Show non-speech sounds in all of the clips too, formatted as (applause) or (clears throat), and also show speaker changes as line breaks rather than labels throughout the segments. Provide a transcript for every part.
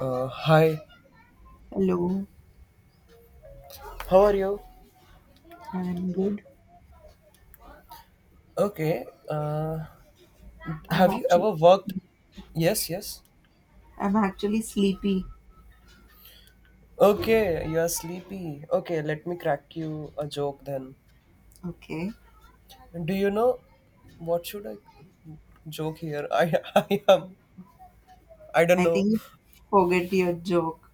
Hi,
Hello,
how are you?
I'm good.
Okay,
I'm
have you
actually
ever worked? Yes, yes.
I'm actually sleepy.
Okay, you are sleepy. Okay, let me crack you a joke then.
Okay.
Do you know what should I joke here? (laughs) I am, I don't
I
know.
think you forget your joke.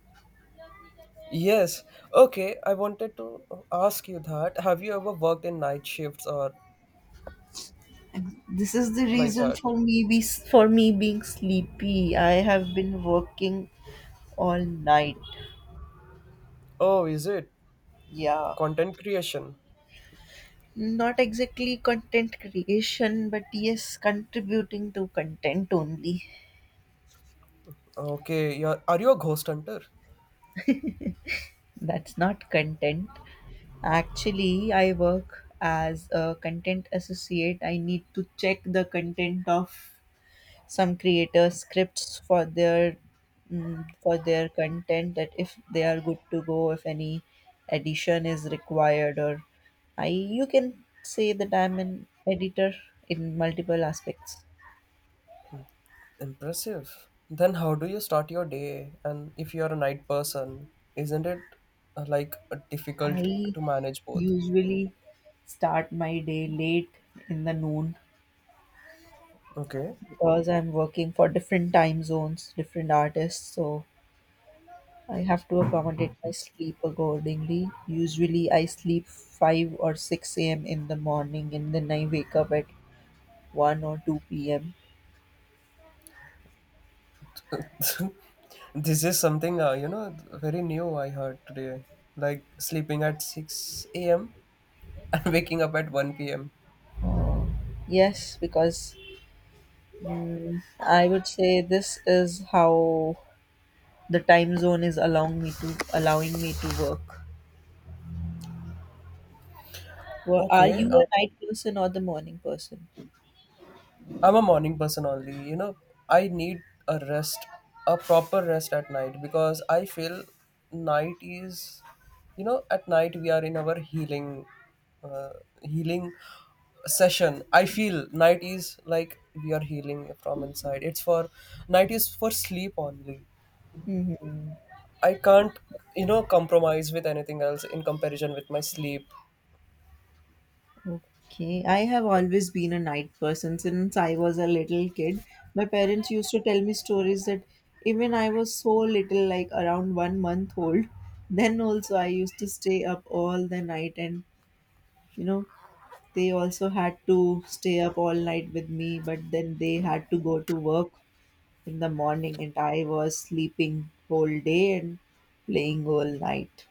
Yes, okay, I wanted to ask you that. Have you ever worked in night shifts or
And this is the
like
reason
that?
for me being sleepy. I have been working all night.
Oh, is it?
Yeah.
Content creation.
Not exactly content creation, but yes, contributing to content only.
Are you a ghost hunter?
That's not content. Actually, I work as a content associate. I need to check the content of some creators scripts for their for their content, that if they are good to go, if any addition is required, or I you can say that I'm an editor in multiple aspects.
Impressive. Then how do you start your day? And if you're a night person, isn't it like difficult
I
to manage both?
usually start my day late in the noon
Okay.
because I'm working for different time zones, different artists, so I have to accommodate my sleep accordingly. Usually, I sleep 5 or 6 a.m. in the morning and then I wake up at 1 or 2 p.m.
(laughs) This is something you know very new I heard today. Like sleeping at 6 a.m. and (laughs) waking up at 1 p.m.
Yes, because I would say this is how the time zone is allowing me to work. Well, are
Okay.
you a night person or the morning person?
I'm a morning person only. You know, I need a rest, a proper rest at night because I feel night is, you know, at night we are in our healing, uh, healing session. I feel night is like we are healing from inside. It's for night is for sleep only.
hmm
I can't, you know, compromise with anything else in comparison with my sleep.
Okay, I have always been a night person since I was a little kid. My parents used to tell me stories that even I was so little, like around one month old, (laughs) then also I used to stay up all the night, and you know, they also had to stay up all night with me, but then they had to go to work in the morning, and I was sleeping whole day and playing all night.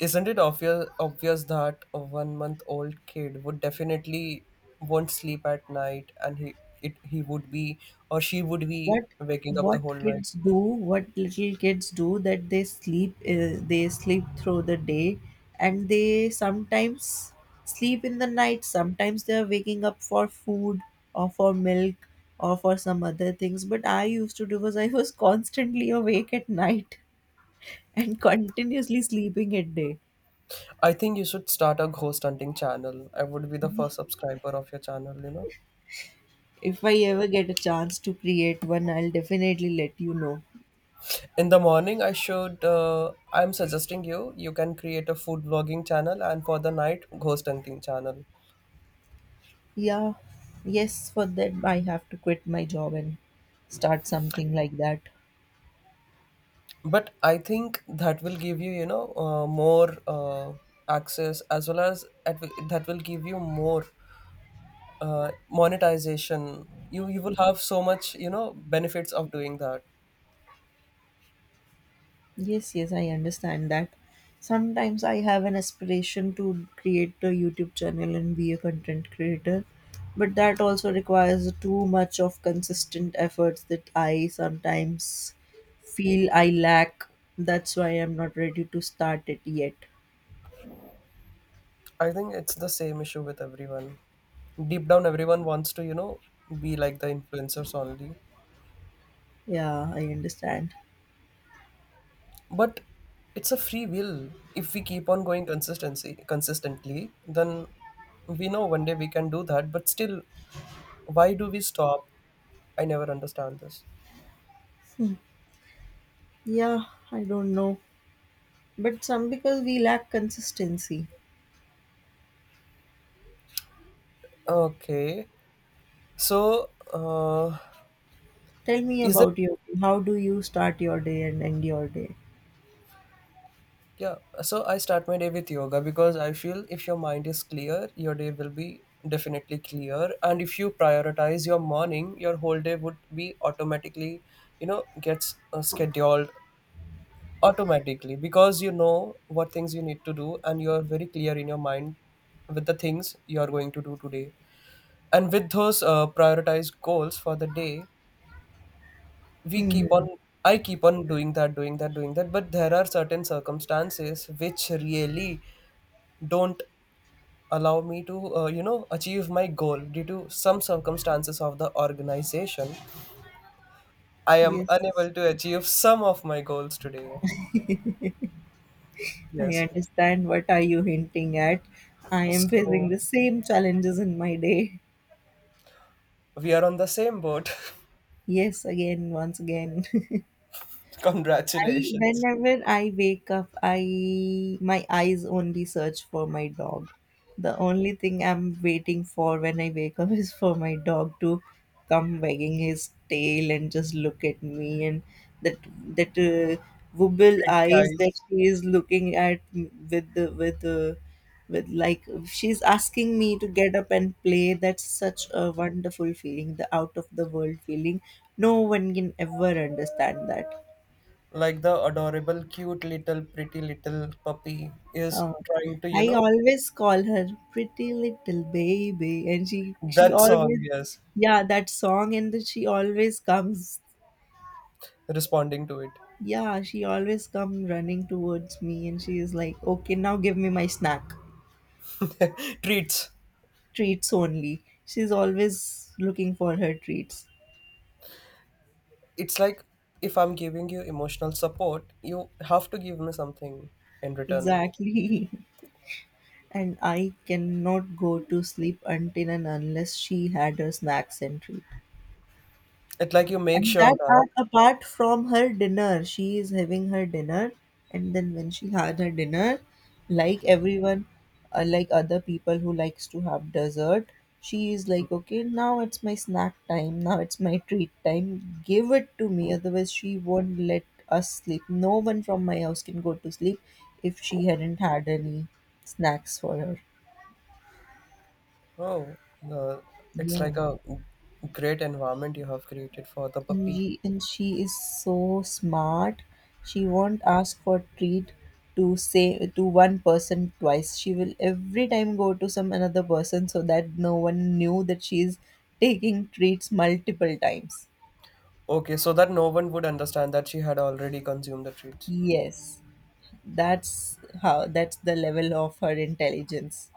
Isn't it obvious that a 1 month old kid would definitely won't sleep at night and he would be or she would be
what
waking up the
what
whole night.
kids do what little kids do, that they sleep through the day, and they sometimes sleep in the night, sometimes they are waking up for food or for milk or for some other things, but I used to do was I was constantly awake at night (laughs) and continuously sleeping at day.
I think you should start a ghost hunting channel. I would be the first subscriber of your channel, you know.
If I ever get a chance to create one, I'll definitely let you know.
In the morning I should I'm suggesting you you can create a food vlogging channel and for the night ghost hunting channel.
Yeah, yes, for that I have to quit my job and start something like that.
But I think that will give you, you know, more access as well as at, that will give you more monetization. You will have so much, you know, benefits of doing that.
Yes, yes, I understand that. Sometimes I have an aspiration to create a YouTube channel and be a content creator, but that also requires too much of consistent efforts that I sometimes feel I lack. That's why I'm not ready to start it yet.
I think it's the same issue with everyone. Deep down everyone wants to, you know, be like the influencers only.
Yeah, I understand.
But it's a free will. If we keep on going consistency consistently, then we know one day we can do that, but still, why do we stop? I never understand this.
Yeah, I don't know. But some because we lack consistency.
Okay. So,
Tell me
is it?
about your. How do you start your day and end your day?
Yeah. So I start my day with yoga because I feel if your mind is clear, your day will be definitely clear. And if you prioritize your morning, your whole day would be automatically, you know, gets scheduled automatically because you know what things you need to do and you're very clear in your mind with the things you're going to do today. And with those prioritized goals for the day, we keep on
hmm
I keep on doing that, but there are certain circumstances which really don't allow me to you know, achieve my goal. Due to some circumstances of the organization, I am
Yes,
unable to achieve some of my goals today.
I
Yes,
understand what are you hinting at. I am
so
facing the same challenges in my day.
we are on the same boat. (laughs)
Yes, again, once again. (laughs) I
Congratulations.
Whenever I wake up, I my eyes only search for my dog. The only thing I'm waiting for when I wake up (laughs) is for my dog to come wagging his tail and just look at me, and that that wobble
Pretty
eyes
eyes,
that he is looking at with the with, like, she's asking me to get up and play. That's such a wonderful feeling, the out of the world feeling. No one can ever understand that.
like the adorable cute little pretty little puppy is
Oh,
trying to, you
I
know,
always call her pretty little baby, and she
that song,
always,
yes,
yeah, that song, and then she always comes,
responding to
yeah, she always come running towards me, and she is like, okay, now give me my snack,
it. (laughs) Treats.
treats only. She's always looking for her treats.
It's like if I'm giving you emotional support, you have to give me something in return.
Exactly. (laughs) And I cannot go to sleep until and unless she had her snacks and treat.
It's like you make
And
sure
that
that,
are apart from her dinner. She is having her dinner, and then when she had her dinner, like everyone, like other people who likes to have dessert, she is like, okay, now it's my snack time. Now it's my treat time. Give it to me, otherwise she won't let us sleep. No one from my house can go to sleep if she hadn't had any snacks for her.
oh, the, it's
Yeah.
like a great environment you have created for the
and
puppy.
she, and she is so smart, she won't ask for treat to say to one person twice. She will every time go to some another person so that no one knew that she is taking treats multiple times.
Okay, so that no one would understand that she had already consumed the treats.
Yes, that's the level of her intelligence.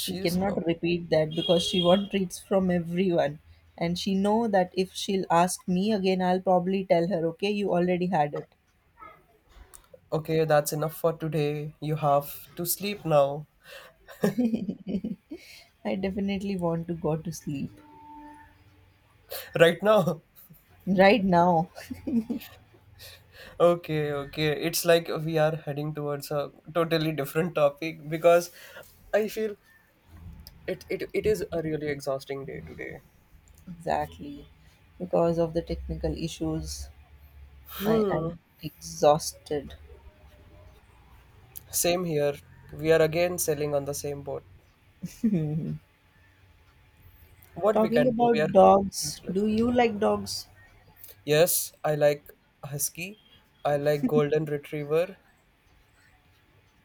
She cannot repeat that because she wants treats from everyone, and she know that if she'll ask me again, I'll probably tell her, okay, you already had it.
okay, that's enough for today. You have to sleep now. (laughs)
I definitely want to go to sleep
Right now.
right now. (laughs)
Okay, okay. It's like we are heading towards a totally different topic because I feel it is a really exhausting day today.
Exactly. Because of the technical issues, I am exhausted.
Same here. We are again sailing on the same boat. What we
Talking
can do, we are
about dogs,
helpless.
do you like dogs?
Yes, I like husky. I like golden retriever.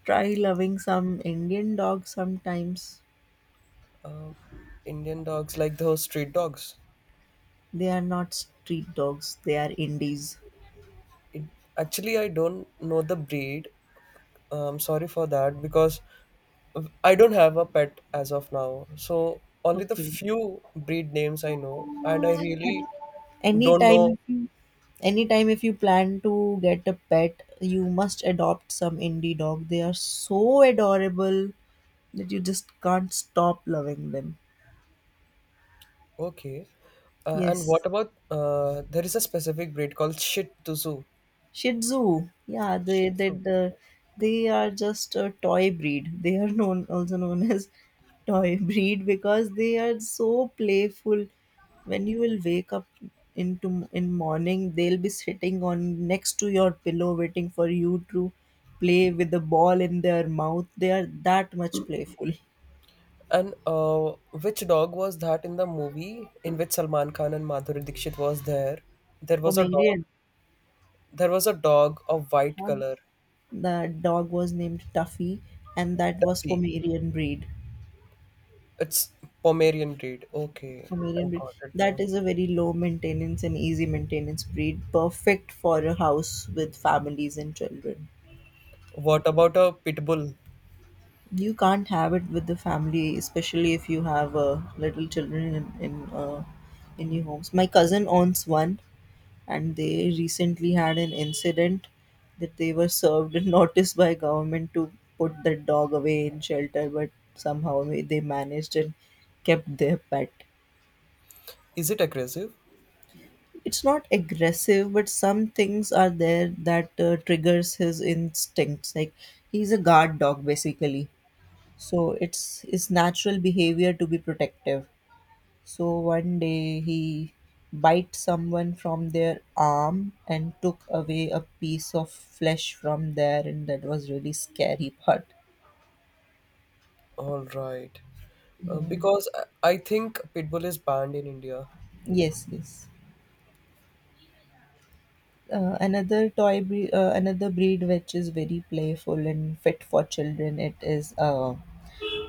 Try loving some Indian dogs sometimes.
Um, Indian dogs like those street dogs.
They are not street dogs, they are indies.
It, actually, I don't know the breed. Sorry for that because I don't have a pet as of now, so only the
Okay.
few breed names I know, and I
But
really don't
anytime
know.
if you anytime if you plan to get a pet, you must adopt some indie dog. They are so adorable that you just can't stop loving them.
Okay, and what
Yes,
about there is a specific breed called Shih Tzu.
Shih Tzu. Yeah,
Shih Tzu.
they are just a toy breed. They are known, also known as toy (laughs) breed because they are so playful. When you will wake up into in morning, they'll be sitting on next to your pillow waiting for you to play with the ball in their mouth. They are that much playful.
And which dog was that in the movie in which Salman Khan and Madhuri Dixit was there? There was a dog.
Pomeranian.
There was a dog of white color,
The dog was named Tuffy, and that was
Tuffy,
Pomerian breed.
it's Pomerian breed. Okay, I
Pomerian breed.
got it
That
now.
is a very low maintenance and easy maintenance breed, perfect for a house with families and children.
What about a pit bull?
You can't have it with the family, especially if you have little children in in, uh, in your homes. My cousin owns one, and they recently had an incident that they were served a (laughs) notice by government to put the dog away in shelter, but somehow they managed and kept their pet.
Is it aggressive?
It's not aggressive, but some things are there that triggers his instincts. Like, he's a guard dog basically, so it's his natural behavior to be protective. So one day he bit someone from their arm and took away a piece of flesh from there, and that was really scary part.
All right.
Yeah.
Because I think Pitbull is banned in India.
Yes, yes. Another toy breed, another breed which is very playful and fit for children. It is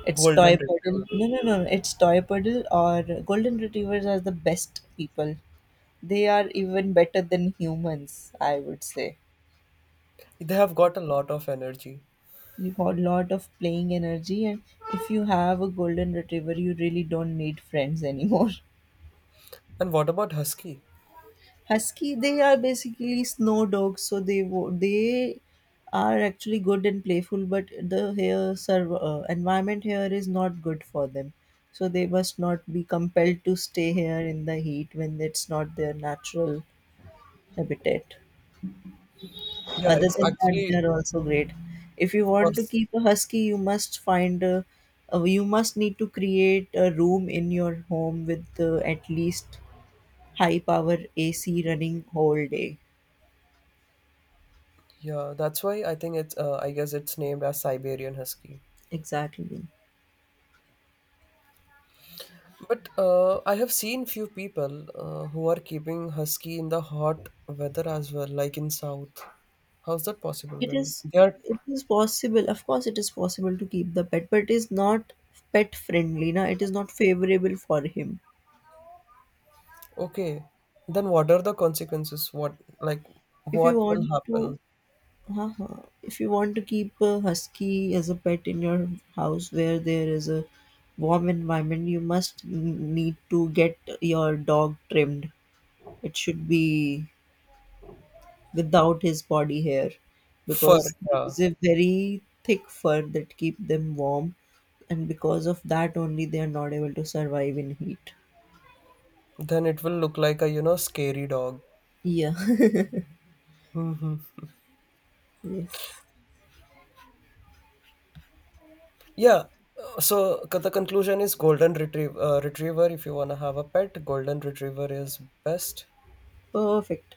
it's
Golden
toy poodle.
Retriever.
No, no, no. It's toy poodle or golden retrievers are the best people. They are even better than humans, I would say.
They have got a lot of energy.
You have a lot of playing energy, and if you have a golden retriever, you really don't need friends anymore.
And what about Husky?
(laughs) Husky, they are basically snow dogs, so they are actually good and playful, but the here environment here is not good for them, so they must not be compelled to stay here in the heat when it's not their natural habitat.
Yeah,
Other
it's
than that, they
actually
are also great. If you
for
want to keep a husky, you must find you must need to create a room in your home with at least high power AC running whole day.
yeah, that's why I think it's I guess it's named as Siberian Husky.
Exactly.
But I have seen few people who are keeping husky in the hot weather as well, like in south. How's that possible
It
then?
is
They are
it is possible. Of course, it is possible to keep the pet, but it is not pet friendly. Na, it is not favorable for him.
okay. Then what are the consequences? What like
If you
what will
want to
happen?
Uh-huh. If you want to keep a husky as a pet in your house where there is a warm environment, you must need to get your dog trimmed. It should be without his body hair
Fur,
because there
yeah.
is a very thick fur that keep them warm, and because of that only they are not able to survive in heat.
Then it will look like a, you know, scary dog.
Yeah.
Hmm.
(laughs) Yes.
Yeah. So the conclusion is golden retrieve, retriever. If you want to have a pet, golden retriever is best.
Perfect.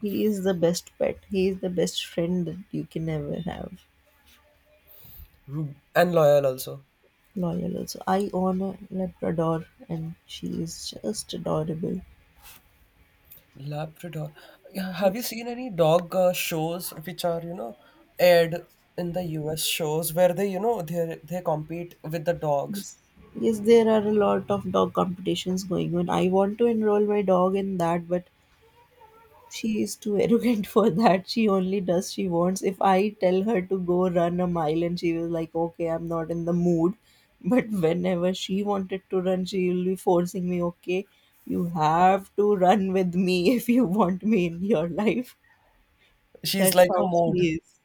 He is the best pet. He is the best friend that you can ever have.
Mm, and loyal also.
Loyal also. I own a Labrador and she is just adorable.
Labrador. Yeah, have you
Yes.
seen any dog shows which are, you know, aired in the US shows where they, you know, they compete with the dogs?
Yes. Yes, there are a lot of dog competitions going on. I want to enroll my dog in that, but she is too (laughs) arrogant for that. She only does she wants. If I tell her to go run a mile and she was like, okay, I'm not in the mood. (laughs) But whenever she wanted to run, she will be forcing me, okay, you have to run with me (laughs) if you want me in your life.
She's
That's
like a
how
mood.
she is.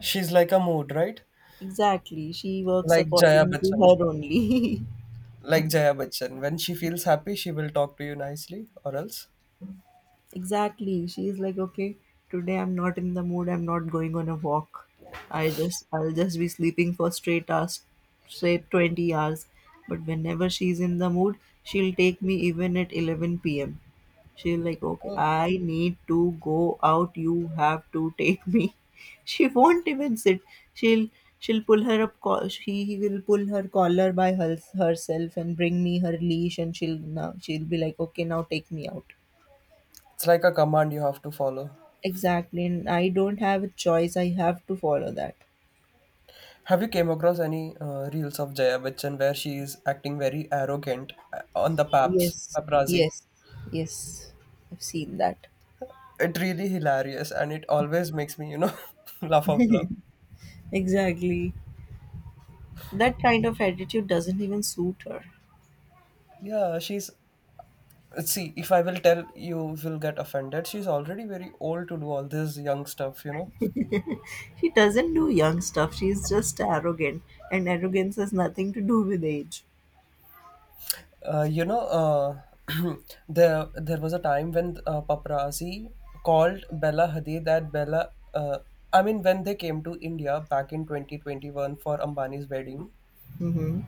She's like a mood, right?
Exactly. She works
Like Jaya
according to
Bachchan.
her only. (laughs)
Like Jaya Bachchan. When she feels happy, she will talk to you nicely, or else
Exactly. She's like, okay, today I'm not in the mood. I'm not going on a walk. I'll just be sleeping for straight hours, straight 20 hours. But whenever she's in the mood, she'll take me even at 11 p.m. She'll like, okay,
oh,
I need to go out. You have to take me. (laughs) She won't even sit. She'll, She will pull her collar by herself and bring me her leash. And she'll now, she'll be like, okay, now take me out.
it's like a command you have to follow.
Exactly. And I don't have a choice. I have to follow that.
Have you came across any reels of Jaya Bachchan where she is acting very arrogant on the paps
Yes.
paparazzi?
Yes. Yes, I've seen that.
It really hilarious, and it always makes me, you know, (laughs) laugh out loud.
Exactly. That kind of attitude doesn't even suit her.
Yeah, she's. See, if I will tell you, will get offended. She's already very old to do all this young stuff, you know.
She doesn't do young stuff. She's just arrogant. And arrogance has nothing to do with age.
Uh, you know, uh, (clears throat) there was a time when paparazzi called Bella Hadid that Bella. I mean, when they came to India back in 2021 for Ambani's wedding,
Mm-hmm.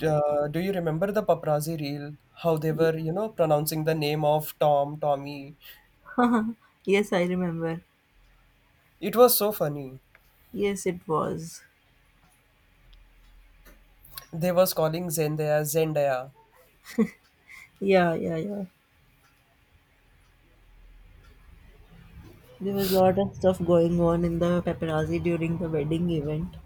do you remember the paparazzi reel? How they were, you know, pronouncing the name of Tom, Tommy.
(laughs) Yes, I remember.
It was so funny.
Yes, it was.
They was calling Zendaya, Zendaya.
Yeah, yeah, yeah. There was a lot of stuff going on in the paparazzi during the wedding event,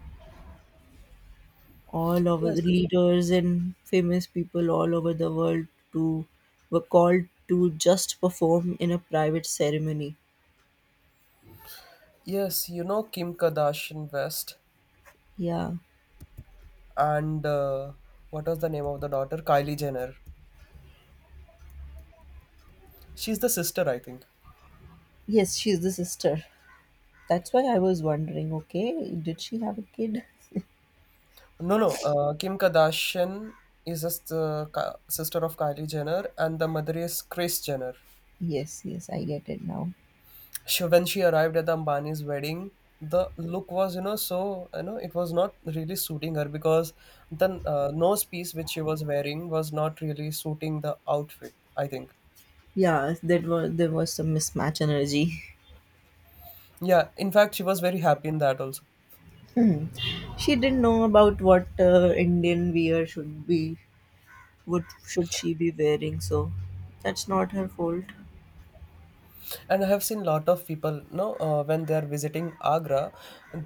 all over
Yes,
the leaders and famous people all over the world to were called to just perform in a private ceremony.
yes, you know Kim Kardashian West
Yeah.
and what was the name of the daughter? Kylie Jenner. She's the sister, I think.
Yes, she's the sister. That's why I was wondering, okay, did she have a kid?
No, no. Kim Kardashian is just the sister of Kylie Jenner, and the mother is Kris Jenner.
Yes, yes, I get it now.
She, when she arrived at the Ambani's wedding, the look was, you know, so you know, it was not really suiting her because the nose piece which she was wearing was not really suiting the outfit. I think.
Yeah, that was there was some mismatch energy.
Yeah. In fact, she was very happy in that also.
She didn't know about what Indian wear should be, what should she be wearing, so that's not her fault.
And I have seen lot of people no when they are visiting Agra,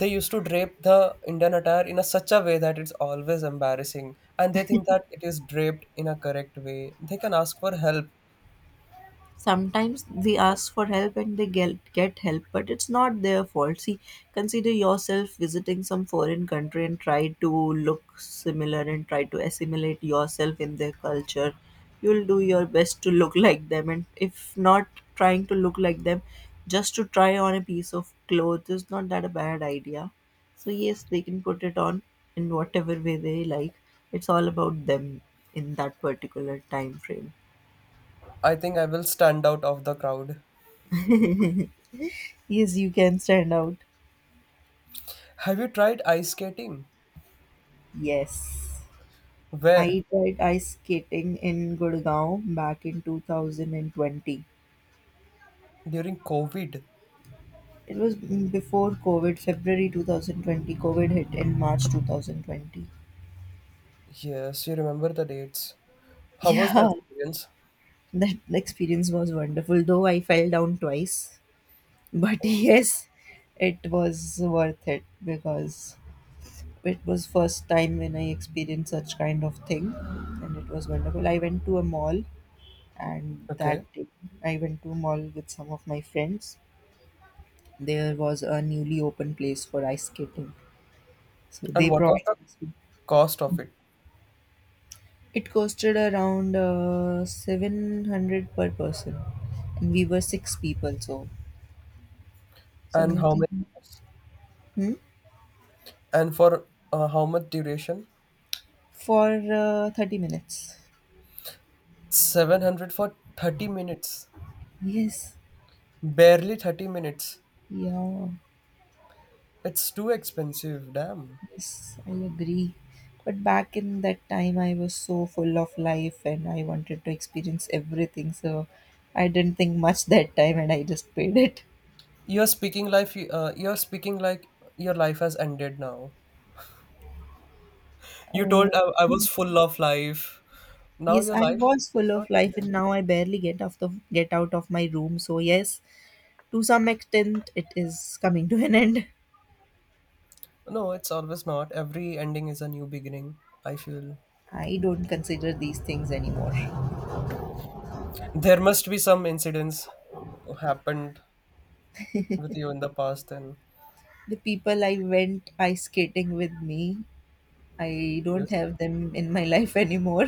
they used to drape the Indian attire in a such a way that it's always embarrassing, and they think that it is draped in a correct way. They can ask for help.
Sometimes they ask for help and they get help, but it's not their fault, see. Consider yourself visiting some foreign country and try to look similar and try to assimilate yourself in their culture. You'll do your best to look like them, and if not trying to look like them, just to try on a piece of cloth is not that a bad idea. So yes, they can put it on in whatever way they like. It's all about them in that particular time frame.
I think I will stand out of the crowd.
Yes, you can stand out.
Have you tried ice skating?
Yes,
Where
I tried ice skating in Gurgaon back in 2020.
during COVID?
It was before COVID, February 2020. COVID hit in March 2020. (laughs)
Yes, you remember the dates. How was the
Yeah,
experience?
that experience was wonderful, though I fell down twice. But (laughs) yes, it was worth it because it was first time when I experienced such kind of thing and it was wonderful. I went to a mall, and
Okay,
that day I went to a mall with some of my friends. There was a newly open place for ice skating, so
and
they
what was
provided
the
us with-
cost of it?
It costed around 700 per person, and we were six people, so
And
something.
how many?
Hmm?
And for how much duration?
For 30 minutes.
700 for 30 minutes.
Yes,
Barely 30 minutes.
yeah,
It's too expensive, damn.
yes, I agree. But back in that time, I was so full of life and I wanted to experience everything. So I didn't think much that time and I just paid it.
You're speaking life you're speaking like your life has ended now. You told
Uh,
I was full of life. Now
Yes,
your
I
life
was
is
full
not
of life
ended.
and now I barely get out of my room. So yes, to some extent it is coming to an end.
No, it's always not. Every ending is a new beginning, I feel.
I don't consider these things anymore.
There must be some incidents happened with you in the past and
The people I went ice skating with me, I don't
yes.
have them in my life anymore.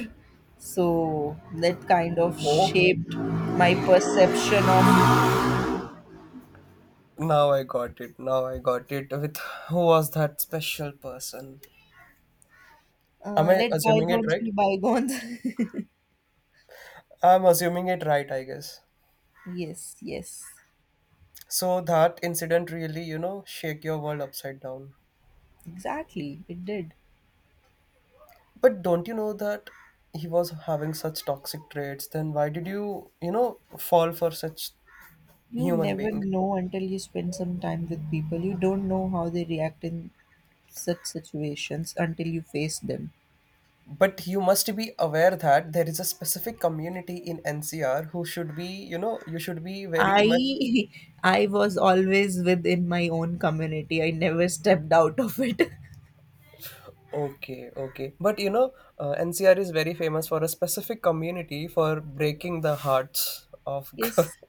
So that kind of shaped my
Okay.
perception of
Now I got it. With who was that special person? Am
uh,
I
Let
assuming it
bygones
right?
be bygones.
I'm assuming it right, I guess.
(laughs) Yes, yes.
So that incident really, you know, shake your world upside down.
Exactly. It did.
But don't you know that he was having such toxic traits? Then why did you, you know, fall for such
You
human
never
being?
know until you spend some time with people. You don't know how they react in such situations until you face them.
But you must be aware that there is a specific community in NCR who should be, you know, you should be very much
I (laughs) I was always within my own community. I never stepped out of it. (laughs)
okay, okay. But you know, NCR is very famous for a specific community for breaking the hearts of
Yes,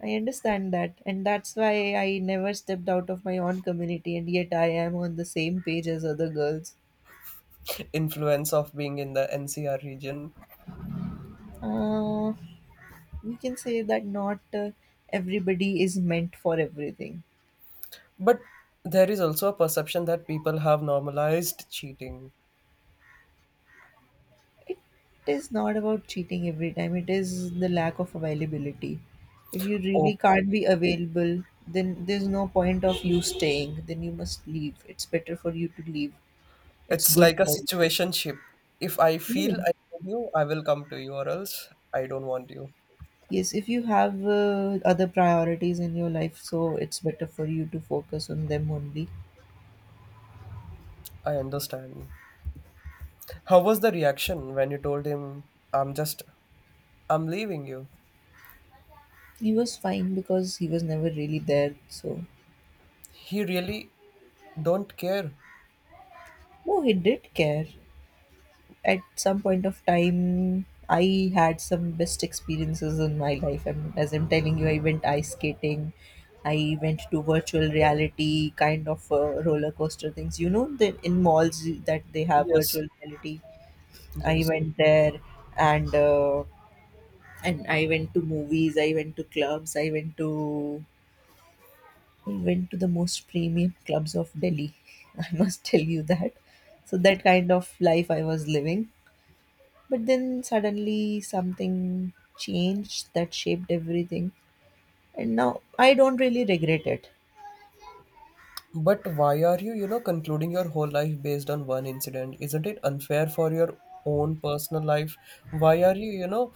I understand that. And that's why I never stepped out of my own community, and yet I am on the same page as other girls.
(laughs) influence of being in the NCR region.
Uh, you can say that not everybody is meant for everything.
But there is also a perception that people have normalized cheating.
It is not about cheating every time, it is the lack of availability. If you really can't
Okay.
be available, then there's no point of you staying. Then you must leave. It's better for you to leave. It's
It's
good
like a
for you.
situationship. If I feel
No.
I need you, I will come to you, or else I don't want you.
Yes, if you have other priorities in your life, so it's better for you to focus on them only.
I understand. How was the reaction when you told him, I'm just, I'm leaving you?
He was fine because he was never really there. So,
He really don't care.
no, he did care. At some point of time I had some best experiences in my life, and as I'm telling you, I went ice skating. I went to virtual reality kind of roller coaster things, you know, the in malls that they have
Yes,
virtual reality. I
yes.
went there. And uh, and I went to movies, I went to clubs, I went to the most premium clubs of Delhi. (laughs) I must tell you that. So that kind of life I was living. But then suddenly something changed that shaped everything. And now I don't really regret it.
But why are you, you know, concluding your whole life based on one incident? Isn't it unfair for your own personal life? Why are you, you know,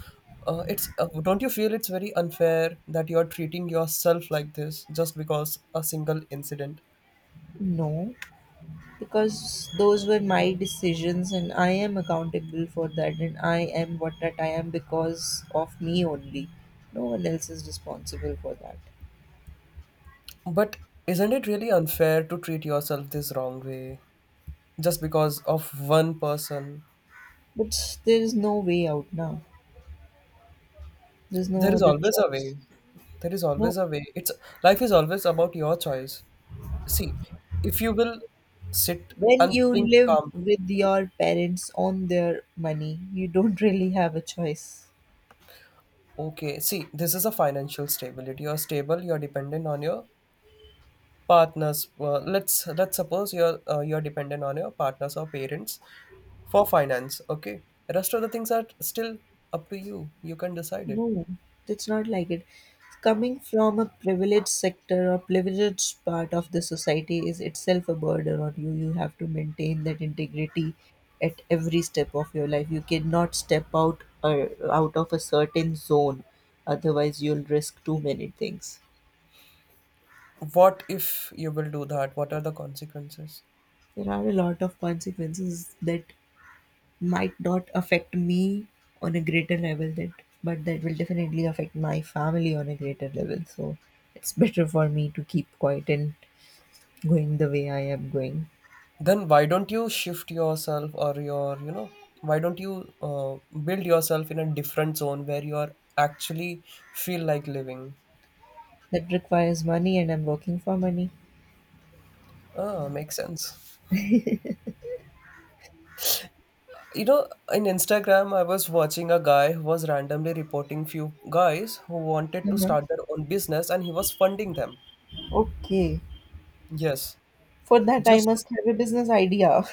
it's don't you feel it's very unfair that you're treating yourself like this just because a single incident?
No, because those were my decisions and I am accountable for that, and I am what that I am because of me only. No one else is responsible for that.
But isn't it really unfair to treat yourself this wrong way just because of one person?
But there is no way out now. There's
There
no
is
other
always a
choice.
way.
No.
It's life is always about your choice. See, if you will sit
When
and
you
think
live
calmly,
with your parents on their money, you don't (laughs) really have a choice.
okay, see, this is a financial stability. You're stable, you're dependent on your partners. Well, let's suppose you're dependent on your partners or parents for finance, okay? Rest of the things are still up to you. You can decide it.
No, it's not like it. Coming from a privileged sector or privileged part of the society is itself a burden on you. You have to maintain that integrity at every step of your life. You cannot step out out of a certain zone, otherwise you'll risk too many things.
What if you will do that? What are the consequences?
There are a lot of consequences that might not affect me on a greater level that but that will definitely affect my family on a greater level, so it's better for me to keep quiet and going the way I am going.
Then why don't you shift yourself or your, you know, why don't you build yourself in a different zone where you are actually feel like living?
That requires money and I'm working for money.
Ah, makes sense. You know, in Instagram I was watching a guy who was randomly reporting few guys who wanted to
Mhm.
start their own business and he was funding them.
Okay.
Yes,
For that I
just to,
must have a business idea.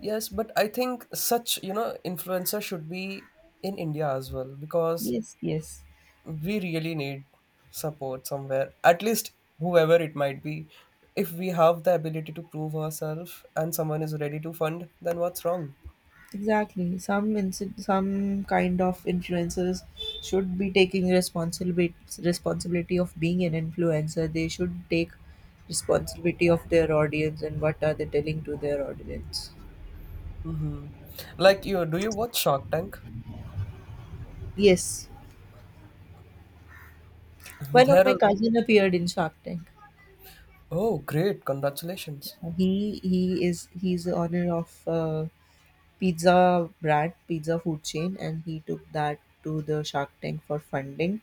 yes, but I think such, you know, influencer should be in India as well
(laughs)
because
Yes, yes.
we really need support somewhere, at least whoever it might be. If we have the ability to prove ourselves and someone is ready to fund, then what's wrong?
Exactly. Some kind of influencers should be taking responsibility of being an influencer. They should take responsibility of their audience and what are they telling to their audience.
Hmm. Like you, do you watch Shark Tank?
Yes, one of
There
my
also?
cousin appeared in Shark Tank.
Oh, great, congratulations.
He's the owner of pizza brand, pizza food chain, and he took that to the Shark Tank for funding.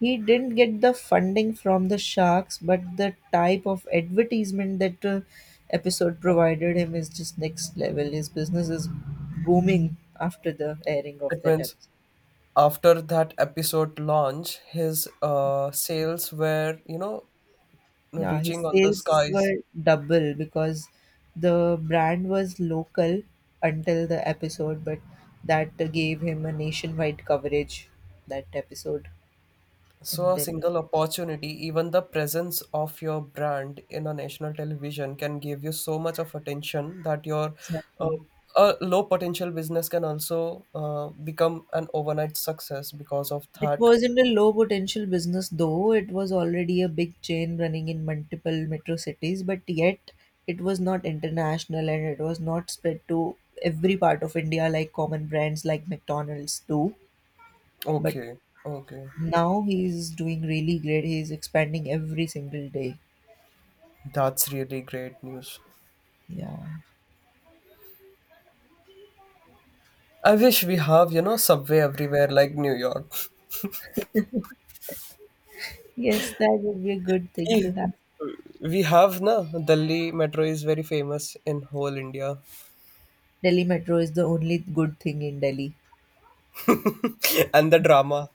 He didn't get the funding from the sharks, but the type of advertisement that episode provided him is just next level. His business is booming after the airing of
It
that
means
episode.
after that episode launch, his sales were, you know,
Yeah, his
reaching on the
sales
skies.
were double because the brand was local until the episode, but that gave him a nationwide coverage, that episode.
So,
And
a
then.
single opportunity, even the presence of your brand in a national television, can give you so much of attention that your uh,
Exactly.
a low potential business can also become an overnight success because of
It
that.
wasn't a low potential business though. It was already a big chain running in multiple metro cities, but yet it was not international and it was not spread to every part of India like common brands like McDonald's do. But
Okay, okay,
now he's doing really great. He's expanding every single day.
that's really great news.
Yeah.
I wish we have, you know, subway everywhere like New York.
Yes, that would be a good thing to have.
We have na Delhi metro is very famous in whole India.
Delhi Metro is the only good thing in Delhi.
(laughs) And the drama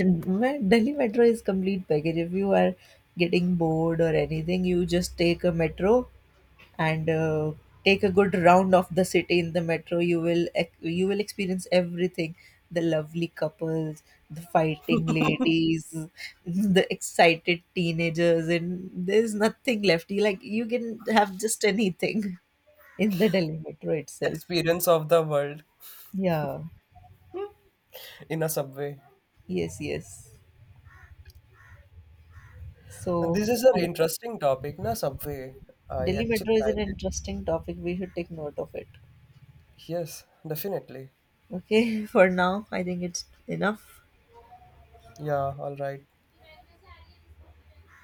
Well, Delhi Metro is complete package. If you are getting bored or anything, you just take a metro and take a good round of the city in the metro. You will experience everything: the lovely couples, the fighting ladies, (laughs) the excited teenagers, and there's nothing left. You, like, you can have just anything (laughs) in the Delhi Metro itself.
experience of the world
Yeah.
in a subway.
Yes. Yes. So
This is an
I
interesting topic, na Subway. I
Delhi
actually
Metro is
like
an
it.
interesting topic. We should take note of it.
Yes, definitely.
Okay, (laughs) for now, I think it's enough.
Yeah, all right.